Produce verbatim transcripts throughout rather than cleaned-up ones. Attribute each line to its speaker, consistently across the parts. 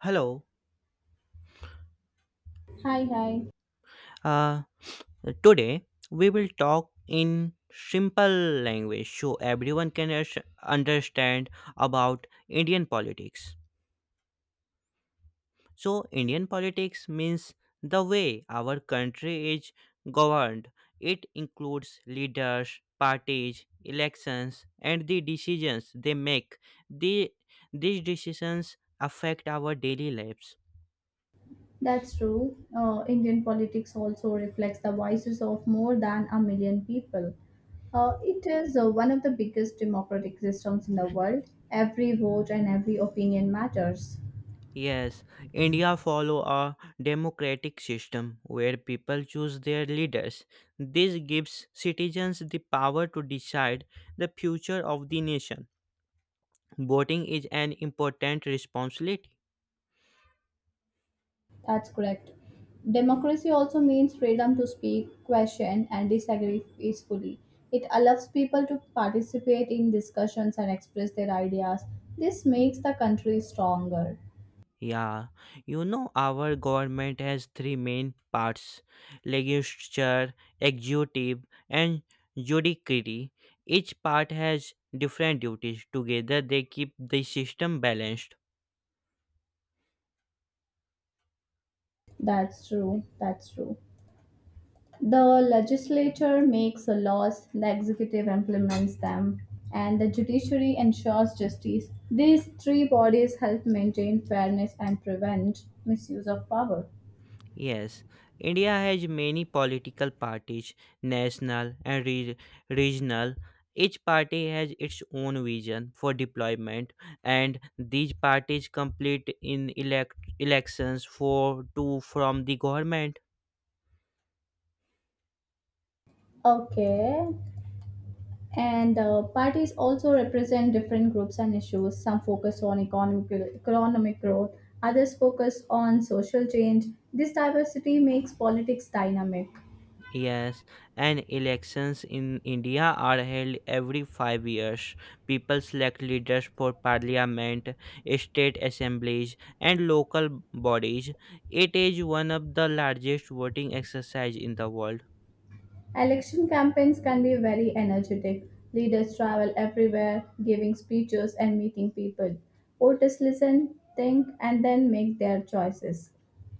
Speaker 1: Hello.
Speaker 2: Hi, hi.
Speaker 1: Uh, Today we will talk in simple language so everyone can us- understand about Indian politics. So, Indian politics means the way our country is governed. It includes leaders, parties, elections, and the decisions they make. The, these decisions affect our daily lives.
Speaker 2: That's true. Uh, Indian politics also reflects the voices of more than a million people. Uh, it is uh, one of the biggest democratic systems in the world. Every vote and every opinion matters.
Speaker 1: Yes, India follow a democratic system where people choose their leaders. This gives citizens the power to decide the future of the nation. Voting is an important responsibility.
Speaker 2: That's correct. Democracy also means freedom to speak, question, and disagree peacefully. It allows people to participate in discussions and express their ideas. This makes the country stronger.
Speaker 1: Yeah, you know our government has three main parts: legislature, executive, and judiciary. Each part has different duties. Together, they keep the system balanced.
Speaker 2: That's true. That's true. The legislature makes laws, the executive implements them, and the judiciary ensures justice. These three bodies help maintain fairness and prevent misuse of power.
Speaker 1: Yes, India has many political parties, national and re- regional. Each party has its own vision for deployment, and these parties compete in elect- elections for to from the government.
Speaker 2: Okay. And uh, parties also represent different groups and issues. Some focus on economic, economic growth, others focus on social change. This diversity makes politics dynamic.
Speaker 1: Yes, and elections in India are held every five years. People select leaders for parliament, state assemblies, and local bodies. It is one of the largest voting exercise in the world.
Speaker 2: Election campaigns can be very energetic. Leaders travel everywhere, giving speeches and meeting people. Voters listen, think, and then make their choices.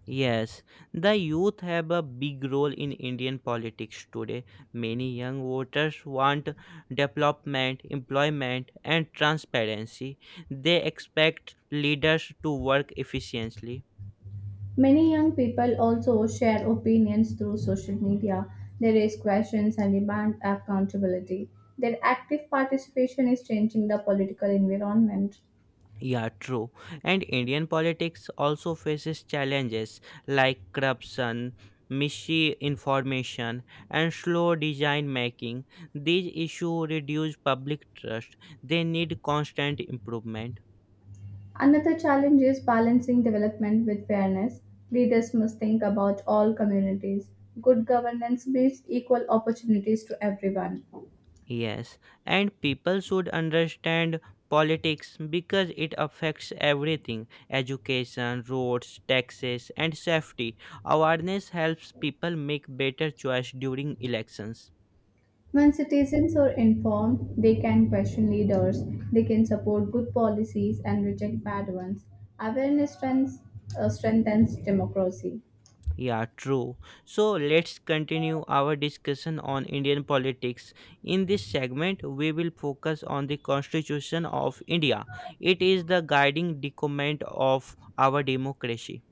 Speaker 1: Yes, the youth have a big role in Indian politics today. Many young voters want development, employment, and transparency. They expect leaders to work efficiently.
Speaker 2: Many young people also share opinions through social media. They raise questions and demand accountability. Their active participation is changing the political environment.
Speaker 1: Yeah, true. And Indian politics also faces challenges like corruption, misinformation, and slow design making. These issues reduce public trust. They need constant improvement.
Speaker 2: Another challenge is balancing development with fairness. Leaders must think about all communities. Good governance means equal opportunities to everyone.
Speaker 1: Yes, and people should understand politics because it affects everything education, roads, taxes, and safety. Awareness helps people make better choice during elections.
Speaker 2: When citizens are informed, they can question leaders, they can support good policies and reject bad ones. Awareness strengthens, uh, Strengthens democracy.
Speaker 1: Yeah, true. So let's continue our discussion on Indian politics. In this segment, we will focus on the Constitution of India. It is the guiding document of our democracy.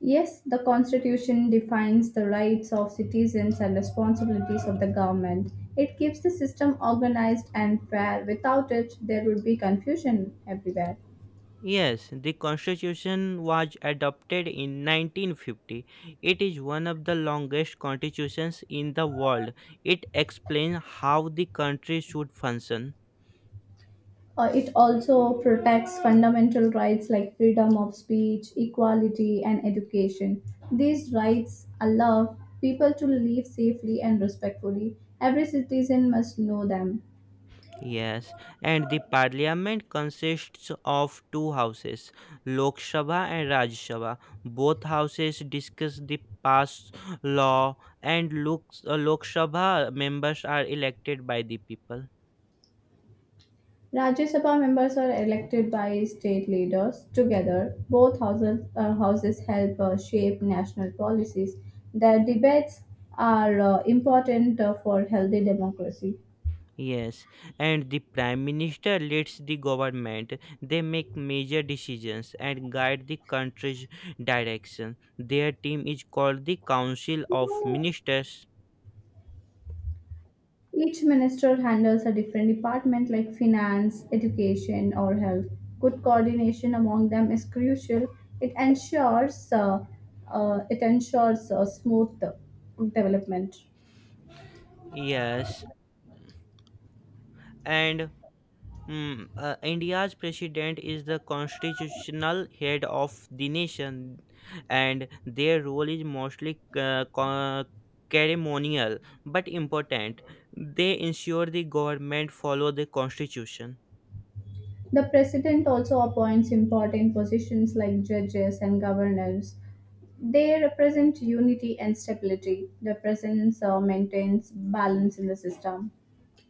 Speaker 2: Yes, the Constitution defines the rights of citizens and responsibilities of the government. It keeps the system organized and fair. Without it, there would be confusion everywhere.
Speaker 1: Yes, the constitution was adopted in nineteen fifty. It is one of the longest constitutions in the world. It explains how the country should function.
Speaker 2: Uh, it also protects fundamental rights like freedom of speech, equality, and education. These rights allow people to live safely and respectfully. Every citizen must know them.
Speaker 1: Yes, and the parliament consists of two houses, Lok Sabha and Raj Sabha. Both houses discuss the pass law, and Lok, uh, Lok Sabha members are elected by the people.
Speaker 2: Rajya Sabha members are elected by state leaders. Together, both houses, uh, houses help uh, shape national policies. Their debates are uh, important uh, for healthy democracy.
Speaker 1: Yes, and the prime minister leads the government. They make major decisions and guide the country's direction. Their team is called the Council of Ministers.
Speaker 2: Each minister handles a different department like finance, education, or health. Good coordination among them is crucial. It ensures uh, uh, it ensures uh, smooth uh, development.
Speaker 1: Yes, and Hmm, uh, India's president is the constitutional head of the nation, and their role is mostly uh, co- ceremonial but important. They ensure the government follow the constitution.
Speaker 2: The president also appoints important positions like judges and governors. They represent unity and stability. Their presence uh, maintains balance in the system.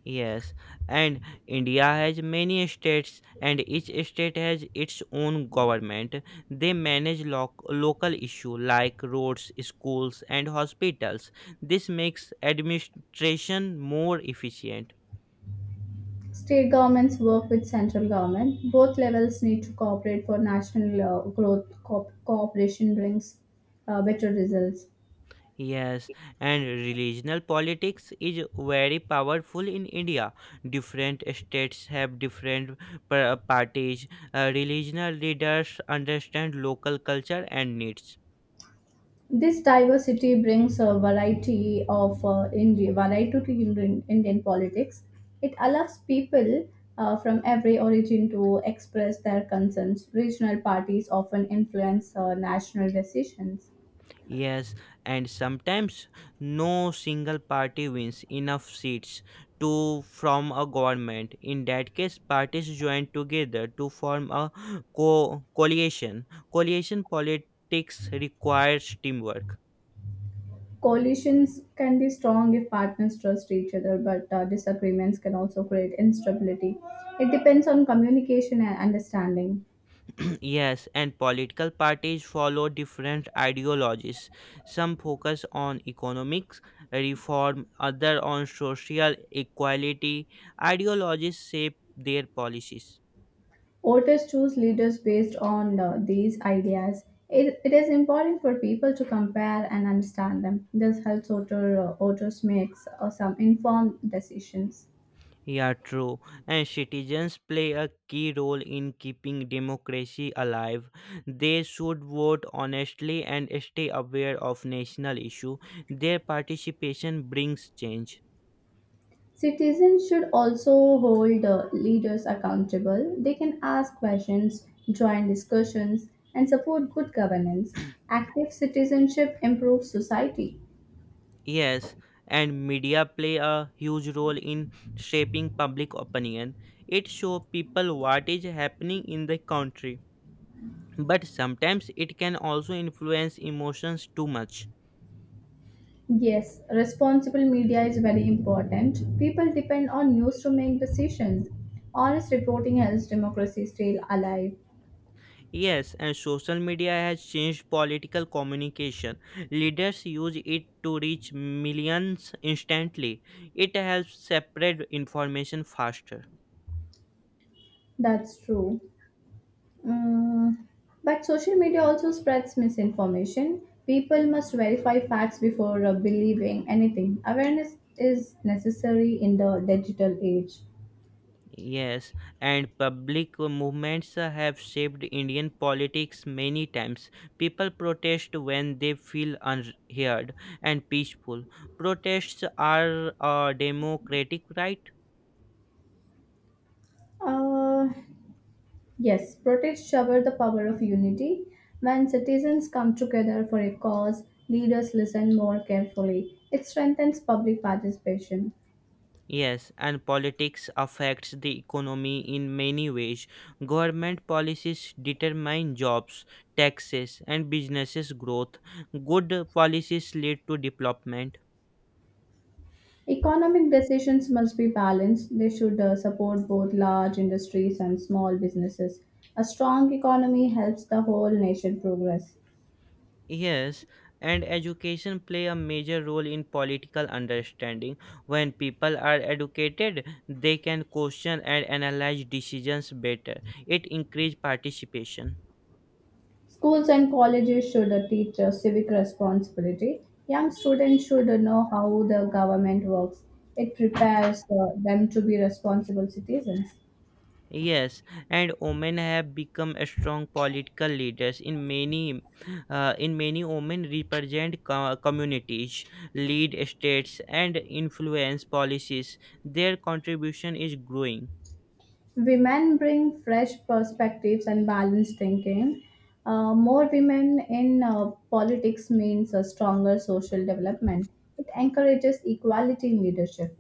Speaker 1: Yes, and India has many states, and each state has its own government. They manage loc local issues like roads, schools, and hospitals. This makes administration more efficient.
Speaker 2: State governments work with central government. Both levels need to cooperate for national uh, growth. Co- cooperation brings uh, better results.
Speaker 1: Yes, and regional politics is very powerful in India. Different states have different pa- parties. Uh, regional leaders understand local culture and needs.
Speaker 2: This diversity brings a variety of uh, Indian variety to Indian, Indian politics. It allows people uh, from every origin to express their concerns. Regional parties often influence uh, national decisions.
Speaker 1: Yes, and sometimes no single party wins enough seats to from a government. In that case, parties join together to form a co- coalition. Coalition politics requires teamwork.
Speaker 2: Coalitions can be strong if partners trust each other, but uh, disagreements can also create instability. It depends on communication and understanding.
Speaker 1: Yes, and political parties follow different ideologies. Some focus on economics reform, other on social equality. Ideologies shape their policies.
Speaker 2: Voters choose leaders based on uh, these ideas. It, it is important for people to compare and understand them. This helps voter, uh, voters make uh, some informed decisions.
Speaker 1: Yeah, true. And citizens play a key role in keeping democracy alive. They should vote honestly and stay aware of national issue. Their participation brings change.
Speaker 2: Citizens should also hold uh, leaders accountable. They can ask questions, join discussions, and support good governance. Active citizenship improves society.
Speaker 1: Yes, and media play a huge role in shaping public opinion. It shows people what is happening in the country. But sometimes it can also influence emotions too much.
Speaker 2: Yes, responsible media is very important. People depend on news to make decisions. Honest reporting helps democracy stay alive.
Speaker 1: Yes, and social media has changed political communication. Leaders use it to reach millions instantly. It helps separate information faster.
Speaker 2: That's true. Mm, But social media also spreads misinformation. People must verify facts before uh, believing anything. Awareness is necessary in the digital age.
Speaker 1: Yes, and public movements have shaped Indian politics many times. People protest when they feel unheard and peaceful. Protests are a democratic right.
Speaker 2: Uh, Yes, protests shower the power of unity. When citizens come together for a cause, leaders listen more carefully. It strengthens public participation.
Speaker 1: Yes, and politics affects the economy in many ways. Government policies determine jobs, taxes, and businesses' growth. Good policies lead to development.
Speaker 2: Economic decisions must be balanced. They should uh, support both large industries and small businesses. A strong economy helps the whole nation progress.
Speaker 1: Yes, and education play a major role in political understanding. When people are educated, they can question and analyze decisions better. It increase participation.
Speaker 2: Schools and colleges should uh, teach uh, civic responsibility. Young students should uh, know how the government works. It prepares uh, them to be responsible citizens.
Speaker 1: Yes, and women have become a strong political leaders. In many, uh, in many, women represent co- communities, lead states, and influence policies. Their contribution is growing.
Speaker 2: Women bring fresh perspectives and balanced thinking. Uh, more women in uh, politics means a stronger social development. It encourages equality in leadership.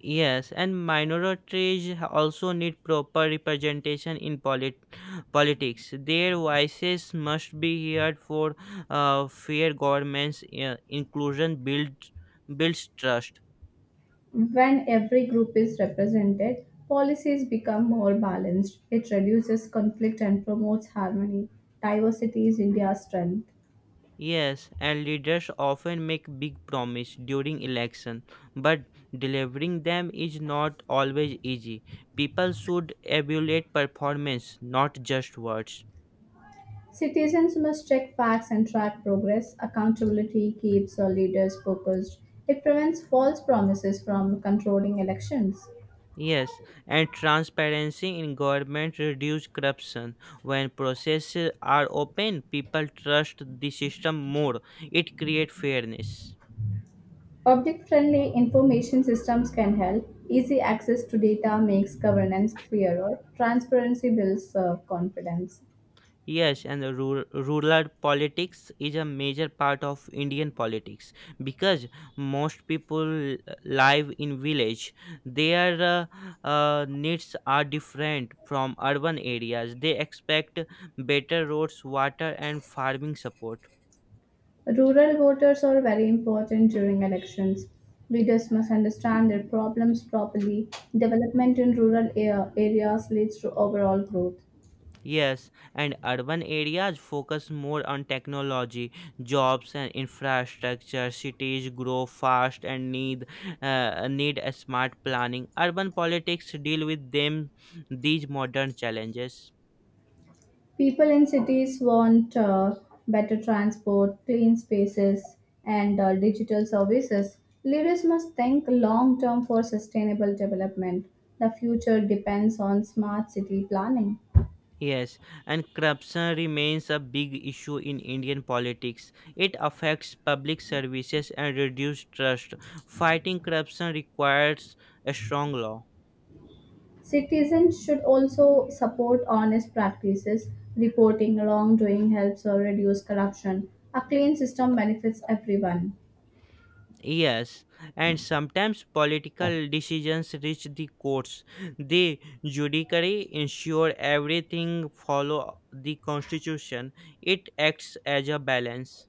Speaker 1: Yes, and minorities also need proper representation in polit- politics. Their voices must be heard for uh, fair governments. Uh, inclusion builds builds trust.
Speaker 2: When every group is represented, policies become more balanced. It reduces conflict and promotes harmony. Diversity is India's strength.
Speaker 1: Yes, and leaders often make big promise during election, but delivering them is not always easy. People should evaluate performance, not just words.
Speaker 2: Citizens must check facts and track progress. Accountability keeps our leaders focused. It prevents false promises from controlling elections.
Speaker 1: Yes, and transparency in government reduce corruption. When processes are open, people trust the system more. It creates fairness.
Speaker 2: Public friendly information systems can help. Easy access to data makes governance clearer. Transparency builds uh, confidence.
Speaker 1: Yes, and the rural, rural politics is a major part of Indian politics because most people live in village. Their uh, uh, needs are different from urban areas. They expect better roads, water, and farming support.
Speaker 2: Rural voters are very important during elections. Leaders must understand their problems properly. Development in rural a- areas leads to overall growth.
Speaker 1: Yes, and urban areas focus more on technology, jobs and infrastructure. Cities grow fast and need uh, need a smart planning. Urban politics deal with them these modern challenges.
Speaker 2: People in cities want uh, better transport, clean spaces, and uh, digital services. Leaders must think long term for sustainable development. The future depends on smart city planning.
Speaker 1: Yes, and corruption remains a big issue in Indian politics. It affects public services and reduces trust. Fighting corruption requires a strong law.
Speaker 2: Citizens should also support honest practices. Reporting wrongdoing helps or reduce corruption. A clean system benefits everyone.
Speaker 1: Yes, and sometimes political decisions reach the courts. The judiciary ensure everything follow the constitution. It acts as a balance.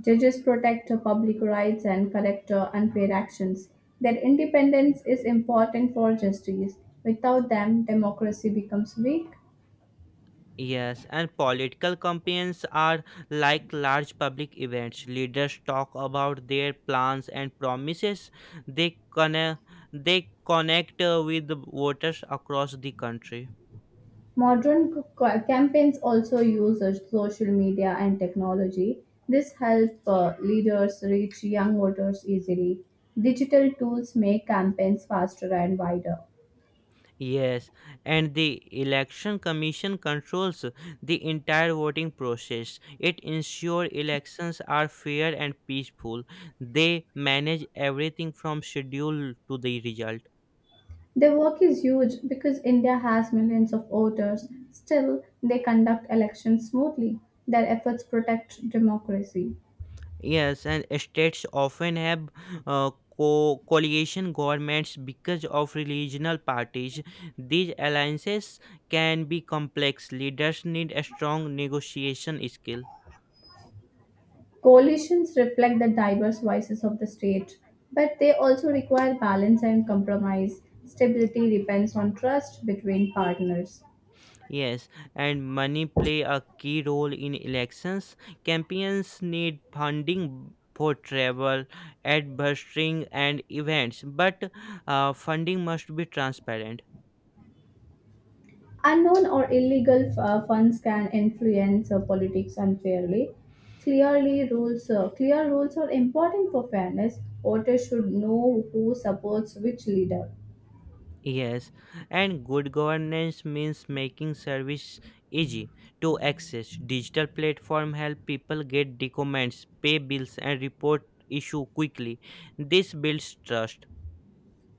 Speaker 2: Judges protect public rights and correct unfair actions. Their independence is important for justice. Without them, democracy becomes weak.
Speaker 1: Yes, and political campaigns are like large public events. Leaders talk about their plans and promises. They connect, they connect uh, with voters across the country.
Speaker 2: Modern c- c- campaigns also use uh, social media and technology. This helps uh, leaders reach young voters easily. Digital tools make campaigns faster and wider.
Speaker 1: Yes, and the Election Commission controls the entire voting process. It ensures elections are fair and peaceful. They manage everything from schedule to the result.
Speaker 2: Their work is huge because India has millions of voters. Still, they conduct elections smoothly. Their efforts protect democracy.
Speaker 1: Yes, and states often have uh, co- coalition governments because of regional parties. These alliances can be complex. Leaders need a strong negotiation skill.
Speaker 2: Coalitions reflect the diverse voices of the state, but they also require balance and compromise. Stability depends on trust between partners.
Speaker 1: Yes, and money play a key role in elections. Campaigns need funding for travel, advertising, and events, but uh, funding must be transparent.
Speaker 2: Unknown or illegal uh, funds can influence uh, politics unfairly. Clearly, rules uh, clear rules are important for fairness. Voters should know who supports which leader.
Speaker 1: Yes, and good governance means making service easy to access. Digital platform help people get documents, pay bills, and report issue quickly. This builds trust.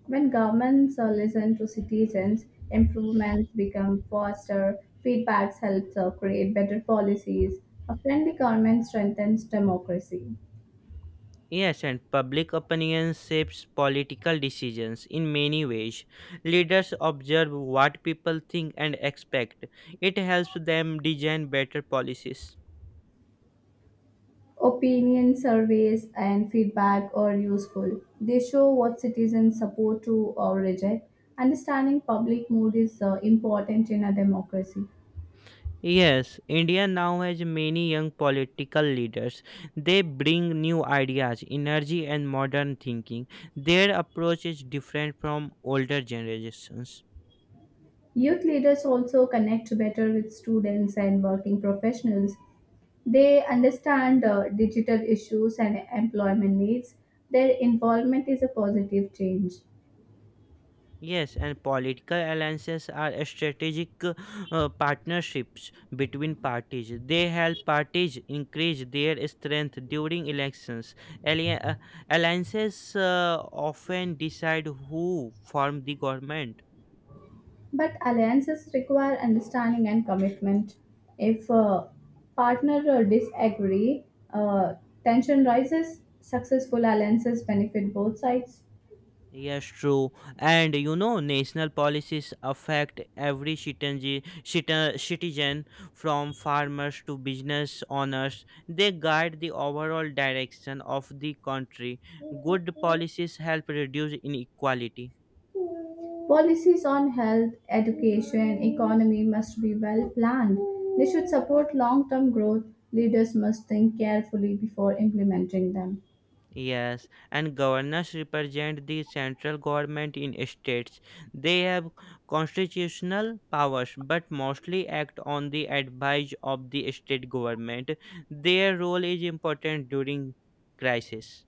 Speaker 2: When governments uh, listen to citizens, improvements become faster, feedbacks helps uh, create better policies. A friendly government strengthens democracy.
Speaker 1: Yes, and public opinion shapes political decisions in many ways. Leaders observe what people think and expect. It helps them design better policies.
Speaker 2: Opinion surveys and feedback are useful. They show what citizens support to or reject. Understanding public mood is uh, important in a democracy.
Speaker 1: Yes, India now has many young political leaders. They bring new ideas, energy, and modern thinking. Their approach is different from older generations.
Speaker 2: Youth leaders also connect better with students and working professionals. They understand uh, digital issues and employment needs. Their involvement is a positive change.
Speaker 1: Yes, and political alliances are strategic uh, partnerships between parties. They help parties increase their strength during elections. Alli- uh, Alliances uh, often decide who form the government.
Speaker 2: But alliances require understanding and commitment. If a partner uh, disagree, uh, tension rises. Successful alliances benefit both sides.
Speaker 1: Yes, true. And you know, national policies affect every citizen, citi- citizen from farmers to business owners. They guide the overall direction of the country. Good policies help reduce inequality.
Speaker 2: Policies on health, education, economy must be well planned. They should support long term growth. Leaders must think carefully before implementing them.
Speaker 1: Yes, and governors represent the central government in states. They have constitutional powers but mostly act on the advice of the state government. Their role is important during crisis.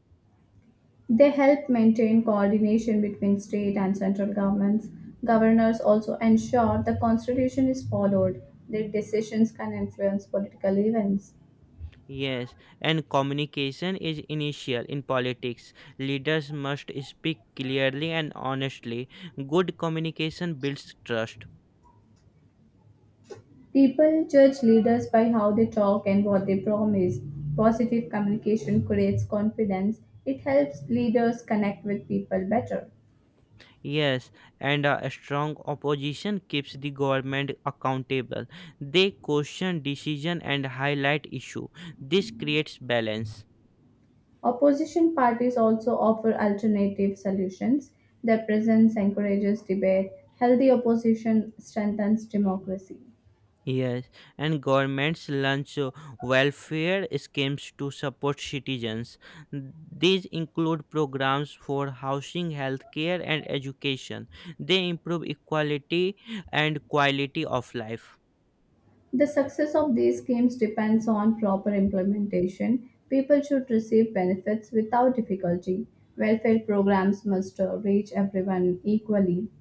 Speaker 2: They help maintain coordination between state and central governments. Governors also ensure the constitution is followed. Their decisions can influence political events.
Speaker 1: Yes, and communication is initial in politics. Leaders must speak clearly and honestly. Good communication builds trust.
Speaker 2: People judge leaders by how they talk and what they promise. Positive communication creates confidence. It helps leaders connect with people better.
Speaker 1: Yes, and a strong opposition keeps the government accountable. They question decision and highlight issue. This creates balance.
Speaker 2: Opposition parties also offer alternative solutions. Their presence encourages debate. Healthy opposition strengthens democracy.
Speaker 1: Yes, and governments launch uh, welfare schemes to support citizens. These include programs for housing, healthcare, and education. They improve equality and quality of life.
Speaker 2: The success of these schemes depends on proper implementation. People should receive benefits without difficulty. Welfare programs must uh, reach everyone equally.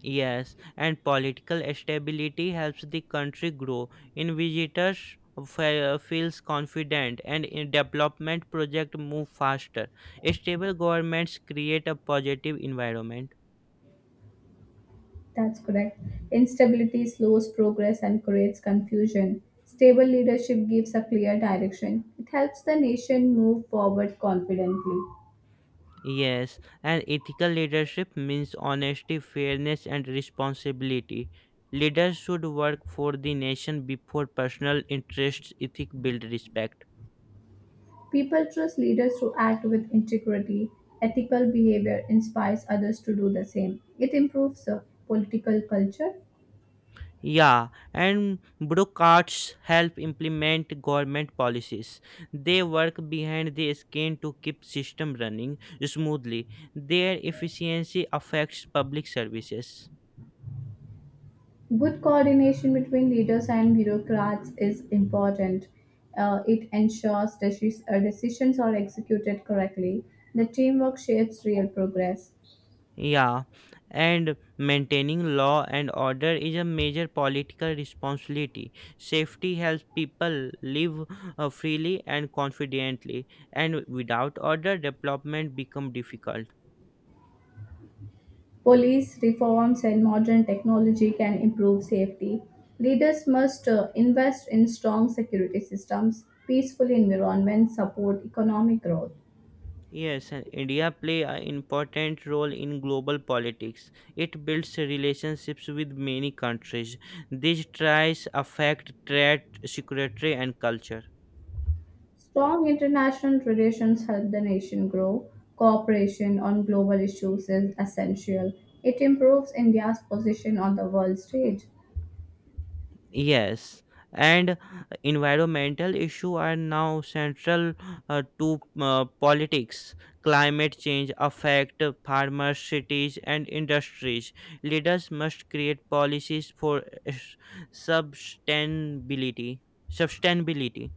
Speaker 1: Yes, and political stability helps the country grow. In visitors fe- feels confident and in development project move faster. Stable governments create a positive environment.
Speaker 2: That's correct. Instability slows progress and creates confusion. Stable leadership gives a clear direction. It helps the nation move forward confidently.
Speaker 1: Yes, and ethical leadership means honesty, fairness and responsibility. Leaders should work for the nation before personal interests. Ethic build respect.
Speaker 2: People trust leaders who act with integrity. Ethical behavior inspires others to do the same. It improves the political culture.
Speaker 1: Yeah, and bureaucrats help implement government policies. They work behind the scene to keep system running smoothly. Their efficiency affects public services.
Speaker 2: Good coordination between leaders and bureaucrats is important. Uh, it ensures deci- uh, decisions are executed correctly. The teamwork shapes real progress.
Speaker 1: Yeah, and maintaining law and order is a major political responsibility. Safety helps people live uh, freely and confidently, and without order, development becomes difficult.
Speaker 2: Police reforms and modern technology can improve safety. Leaders must uh, invest in strong security systems, peaceful environments support economic growth.
Speaker 1: Yes, and India play an important role in global politics. It builds relationships with many countries. These ties affect trade, security, and culture.
Speaker 2: Strong international traditions help the nation grow. Cooperation on global issues is essential. It improves India's position on the world stage.
Speaker 1: Yes, and environmental issues are now central uh, to uh, politics. Climate change affect farmers, cities, and industries. Leaders must create policies for uh, s- sustainability. Sustainability.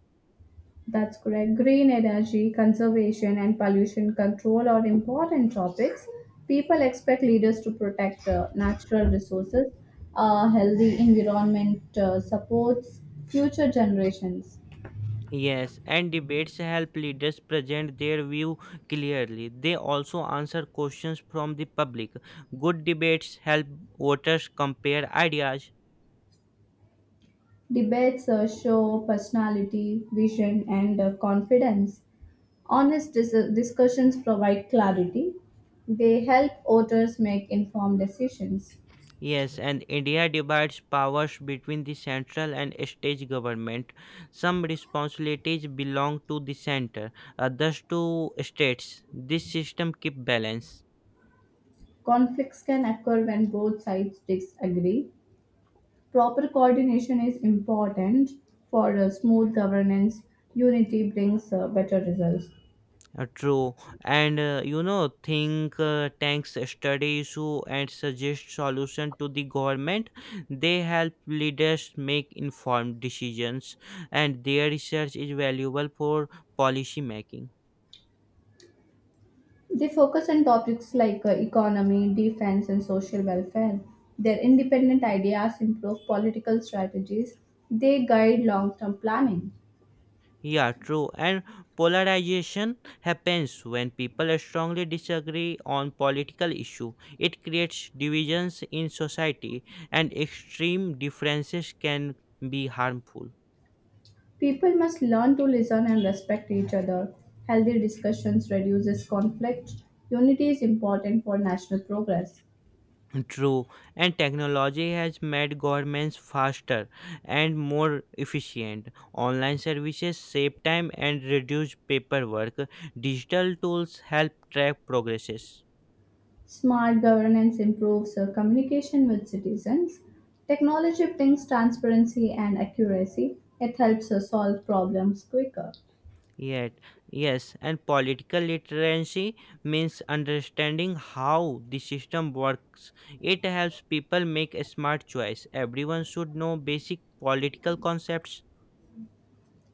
Speaker 2: That's correct. Green energy, conservation, and pollution control are important topics. People expect leaders to protect uh, natural resources. A healthy environment uh, supports future generations.
Speaker 1: Yes, and debates help leaders present their view clearly. They also answer questions from the public. Good debates help voters compare ideas.
Speaker 2: Debates uh, show personality, vision, and uh, confidence. Honest dis- discussions provide clarity. They help voters make informed decisions.
Speaker 1: Yes, and India divides powers between the central and state government. Some responsibilities belong to the center, others to states. This system keeps balance.
Speaker 2: Conflicts can occur when both sides disagree. Proper coordination is important for uh, smooth governance. Unity brings uh, better results.
Speaker 1: Uh, True, and uh, you know, think uh, tanks study issue and suggest solution to the government. They help leaders make informed decisions, and their research is valuable for policy making.
Speaker 2: They focus on topics like uh, economy, defense, and social welfare. Their independent ideas improve political strategies. They guide long term planning.
Speaker 1: Yeah, true. And polarization happens when people strongly disagree on political issue. It creates divisions in society, and extreme differences can be harmful.
Speaker 2: People must learn to listen and respect each other. Healthy discussions reduces conflict. Unity is important for national progress.
Speaker 1: True, and technology has made governments faster and more efficient. Online services save time and reduce paperwork. Digital tools help track progresses.
Speaker 2: Smart governance improves uh, communication with citizens. Technology brings transparency and accuracy. It helps us solve problems quicker.
Speaker 1: Yet, yes, and political literacy means understanding how the system works. It helps people make a smart choice. Everyone should know basic political concepts.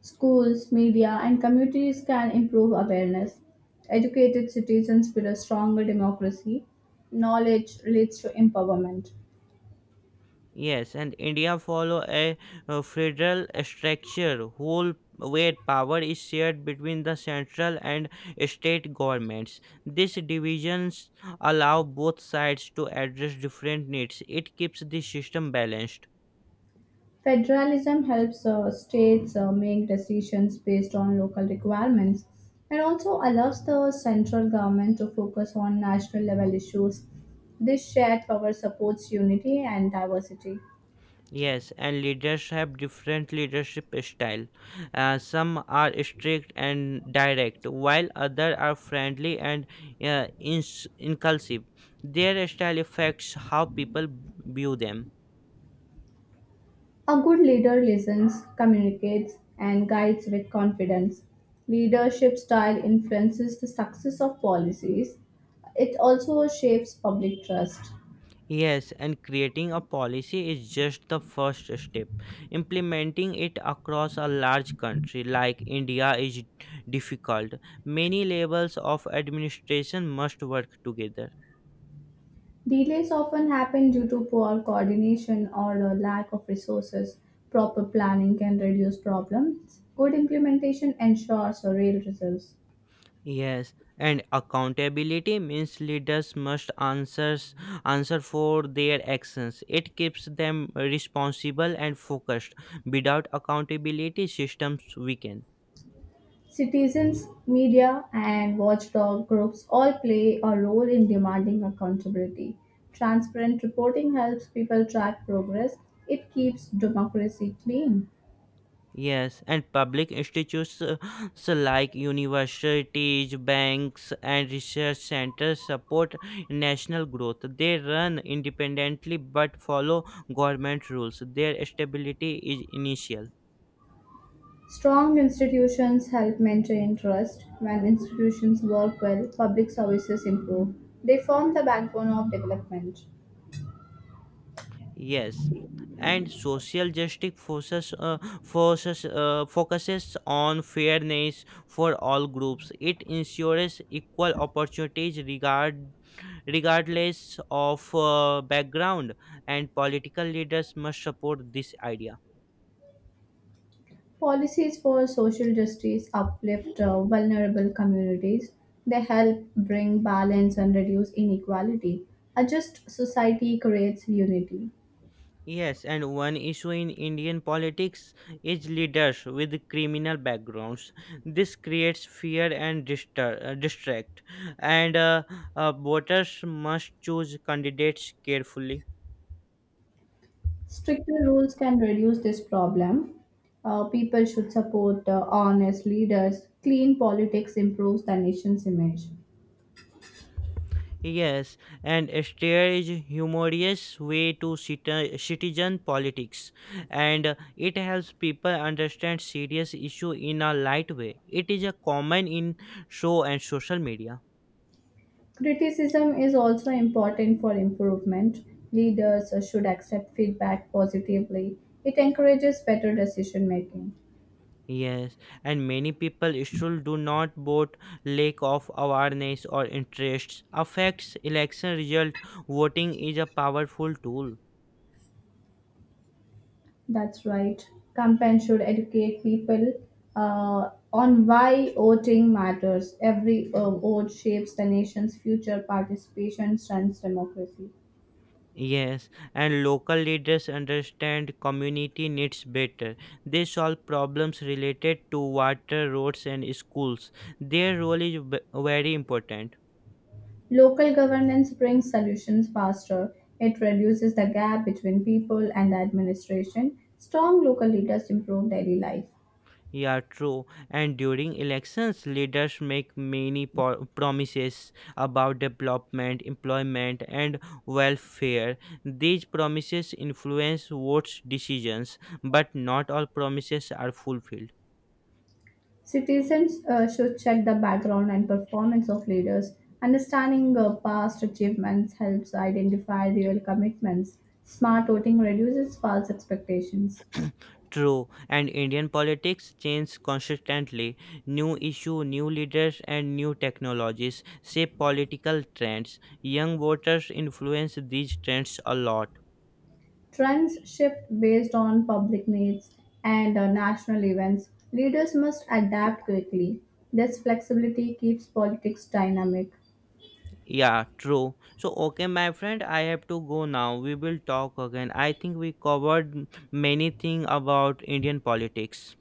Speaker 2: Schools, media, and communities can improve awareness. Educated citizens build a stronger democracy. Knowledge leads to empowerment.
Speaker 1: Yes, and India follow a, uh, federal structure whole where power is shared between the central and state governments. These divisions allow both sides to address different needs. It keeps the system balanced.
Speaker 2: Federalism helps uh, states uh, make decisions based on local requirements and also allows the central government to focus on national level issues. This shared power supports unity and diversity.
Speaker 1: Yes, and leaders have different leadership style. Uh, some are strict and direct, while others are friendly and uh, ins- inclusive. Their style affects how people view them.
Speaker 2: A good leader listens, communicates, and guides with confidence. Leadership style influences the success of policies. It also shapes public trust.
Speaker 1: Yes, and creating a policy is just the first step. Implementing it across a large country like India is difficult. Many levels of administration must work together.
Speaker 2: Delays often happen due to poor coordination or a lack of resources. Proper planning can reduce problems. Good implementation ensures real results.
Speaker 1: Yes, and accountability means leaders must answers, answer for their actions. It keeps them responsible and focused. Without accountability, systems weaken.
Speaker 2: Citizens, media, and watchdog groups all play a role in demanding accountability. Transparent reporting helps people track progress. It keeps democracy clean.
Speaker 1: Yes, and public institutes uh, so like universities, banks, and research centers support national growth. They run independently but follow government rules. Their stability is initial.
Speaker 2: Strong institutions help maintain trust. When institutions work well, public services improve. They form the backbone of development.
Speaker 1: Yes. And social justice forces, uh, forces, uh, focuses on fairness for all groups. It ensures equal opportunities regard. regardless of uh, background, and political leaders must support this idea.
Speaker 2: Policies for social justice uplift uh, vulnerable communities. They help bring balance and reduce inequality. A just society creates unity.
Speaker 1: Yes, and one issue in Indian politics is leaders with criminal backgrounds. This creates fear and distra- uh, distract, and uh, uh, voters must choose candidates carefully.
Speaker 2: Stricter rules can reduce this problem. Uh, people should support uh, honest leaders. Clean politics improves the nation's image.
Speaker 1: Yes, and satire is humorous way to citi- citizen politics, and uh, it helps people understand serious issue in a light way. It is a common in show and social media.
Speaker 2: Criticism is also important for improvement. Leaders should accept feedback positively. It encourages better decision making.
Speaker 1: Yes, and many people still do not vote. Lack of awareness or interests affects election result. Voting is a powerful tool.
Speaker 2: That's right. Campaigns should educate people uh, on why voting matters. Every uh, vote shapes the nation's future. Participation strengthens democracy.
Speaker 1: Yes, and local leaders understand community needs better. They solve problems related to water, roads, and schools. Their role is ve- very important.
Speaker 2: Local governance brings solutions faster. It reduces the gap between people and the administration. Strong local leaders improve daily life.
Speaker 1: Yeah, true. And during elections, leaders make many po- promises about development, employment, and welfare. These promises influence votes decisions, but not all promises are fulfilled.
Speaker 2: Citizens uh, should check the background and performance of leaders. Understanding uh, past achievements helps identify real commitments. Smart voting reduces false expectations.
Speaker 1: True, and Indian politics change constantly. New issue, new leaders, and new technologies shape political trends. Young voters influence these trends a lot.
Speaker 2: Trends shift based on public needs and uh, national events. Leaders must adapt quickly. This flexibility keeps politics dynamic.
Speaker 1: Yeah, true. So, okay, my friend, I have to go now. We will talk again. I think we covered many things about Indian politics.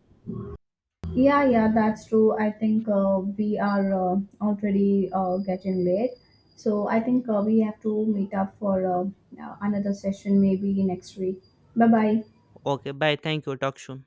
Speaker 2: Yeah, yeah, that's true. I think uh, we are uh, already uh, getting late. So I think uh, we have to meet up for uh, uh, another session maybe next week. Bye bye.
Speaker 1: Okay, bye. Thank you. Talk soon.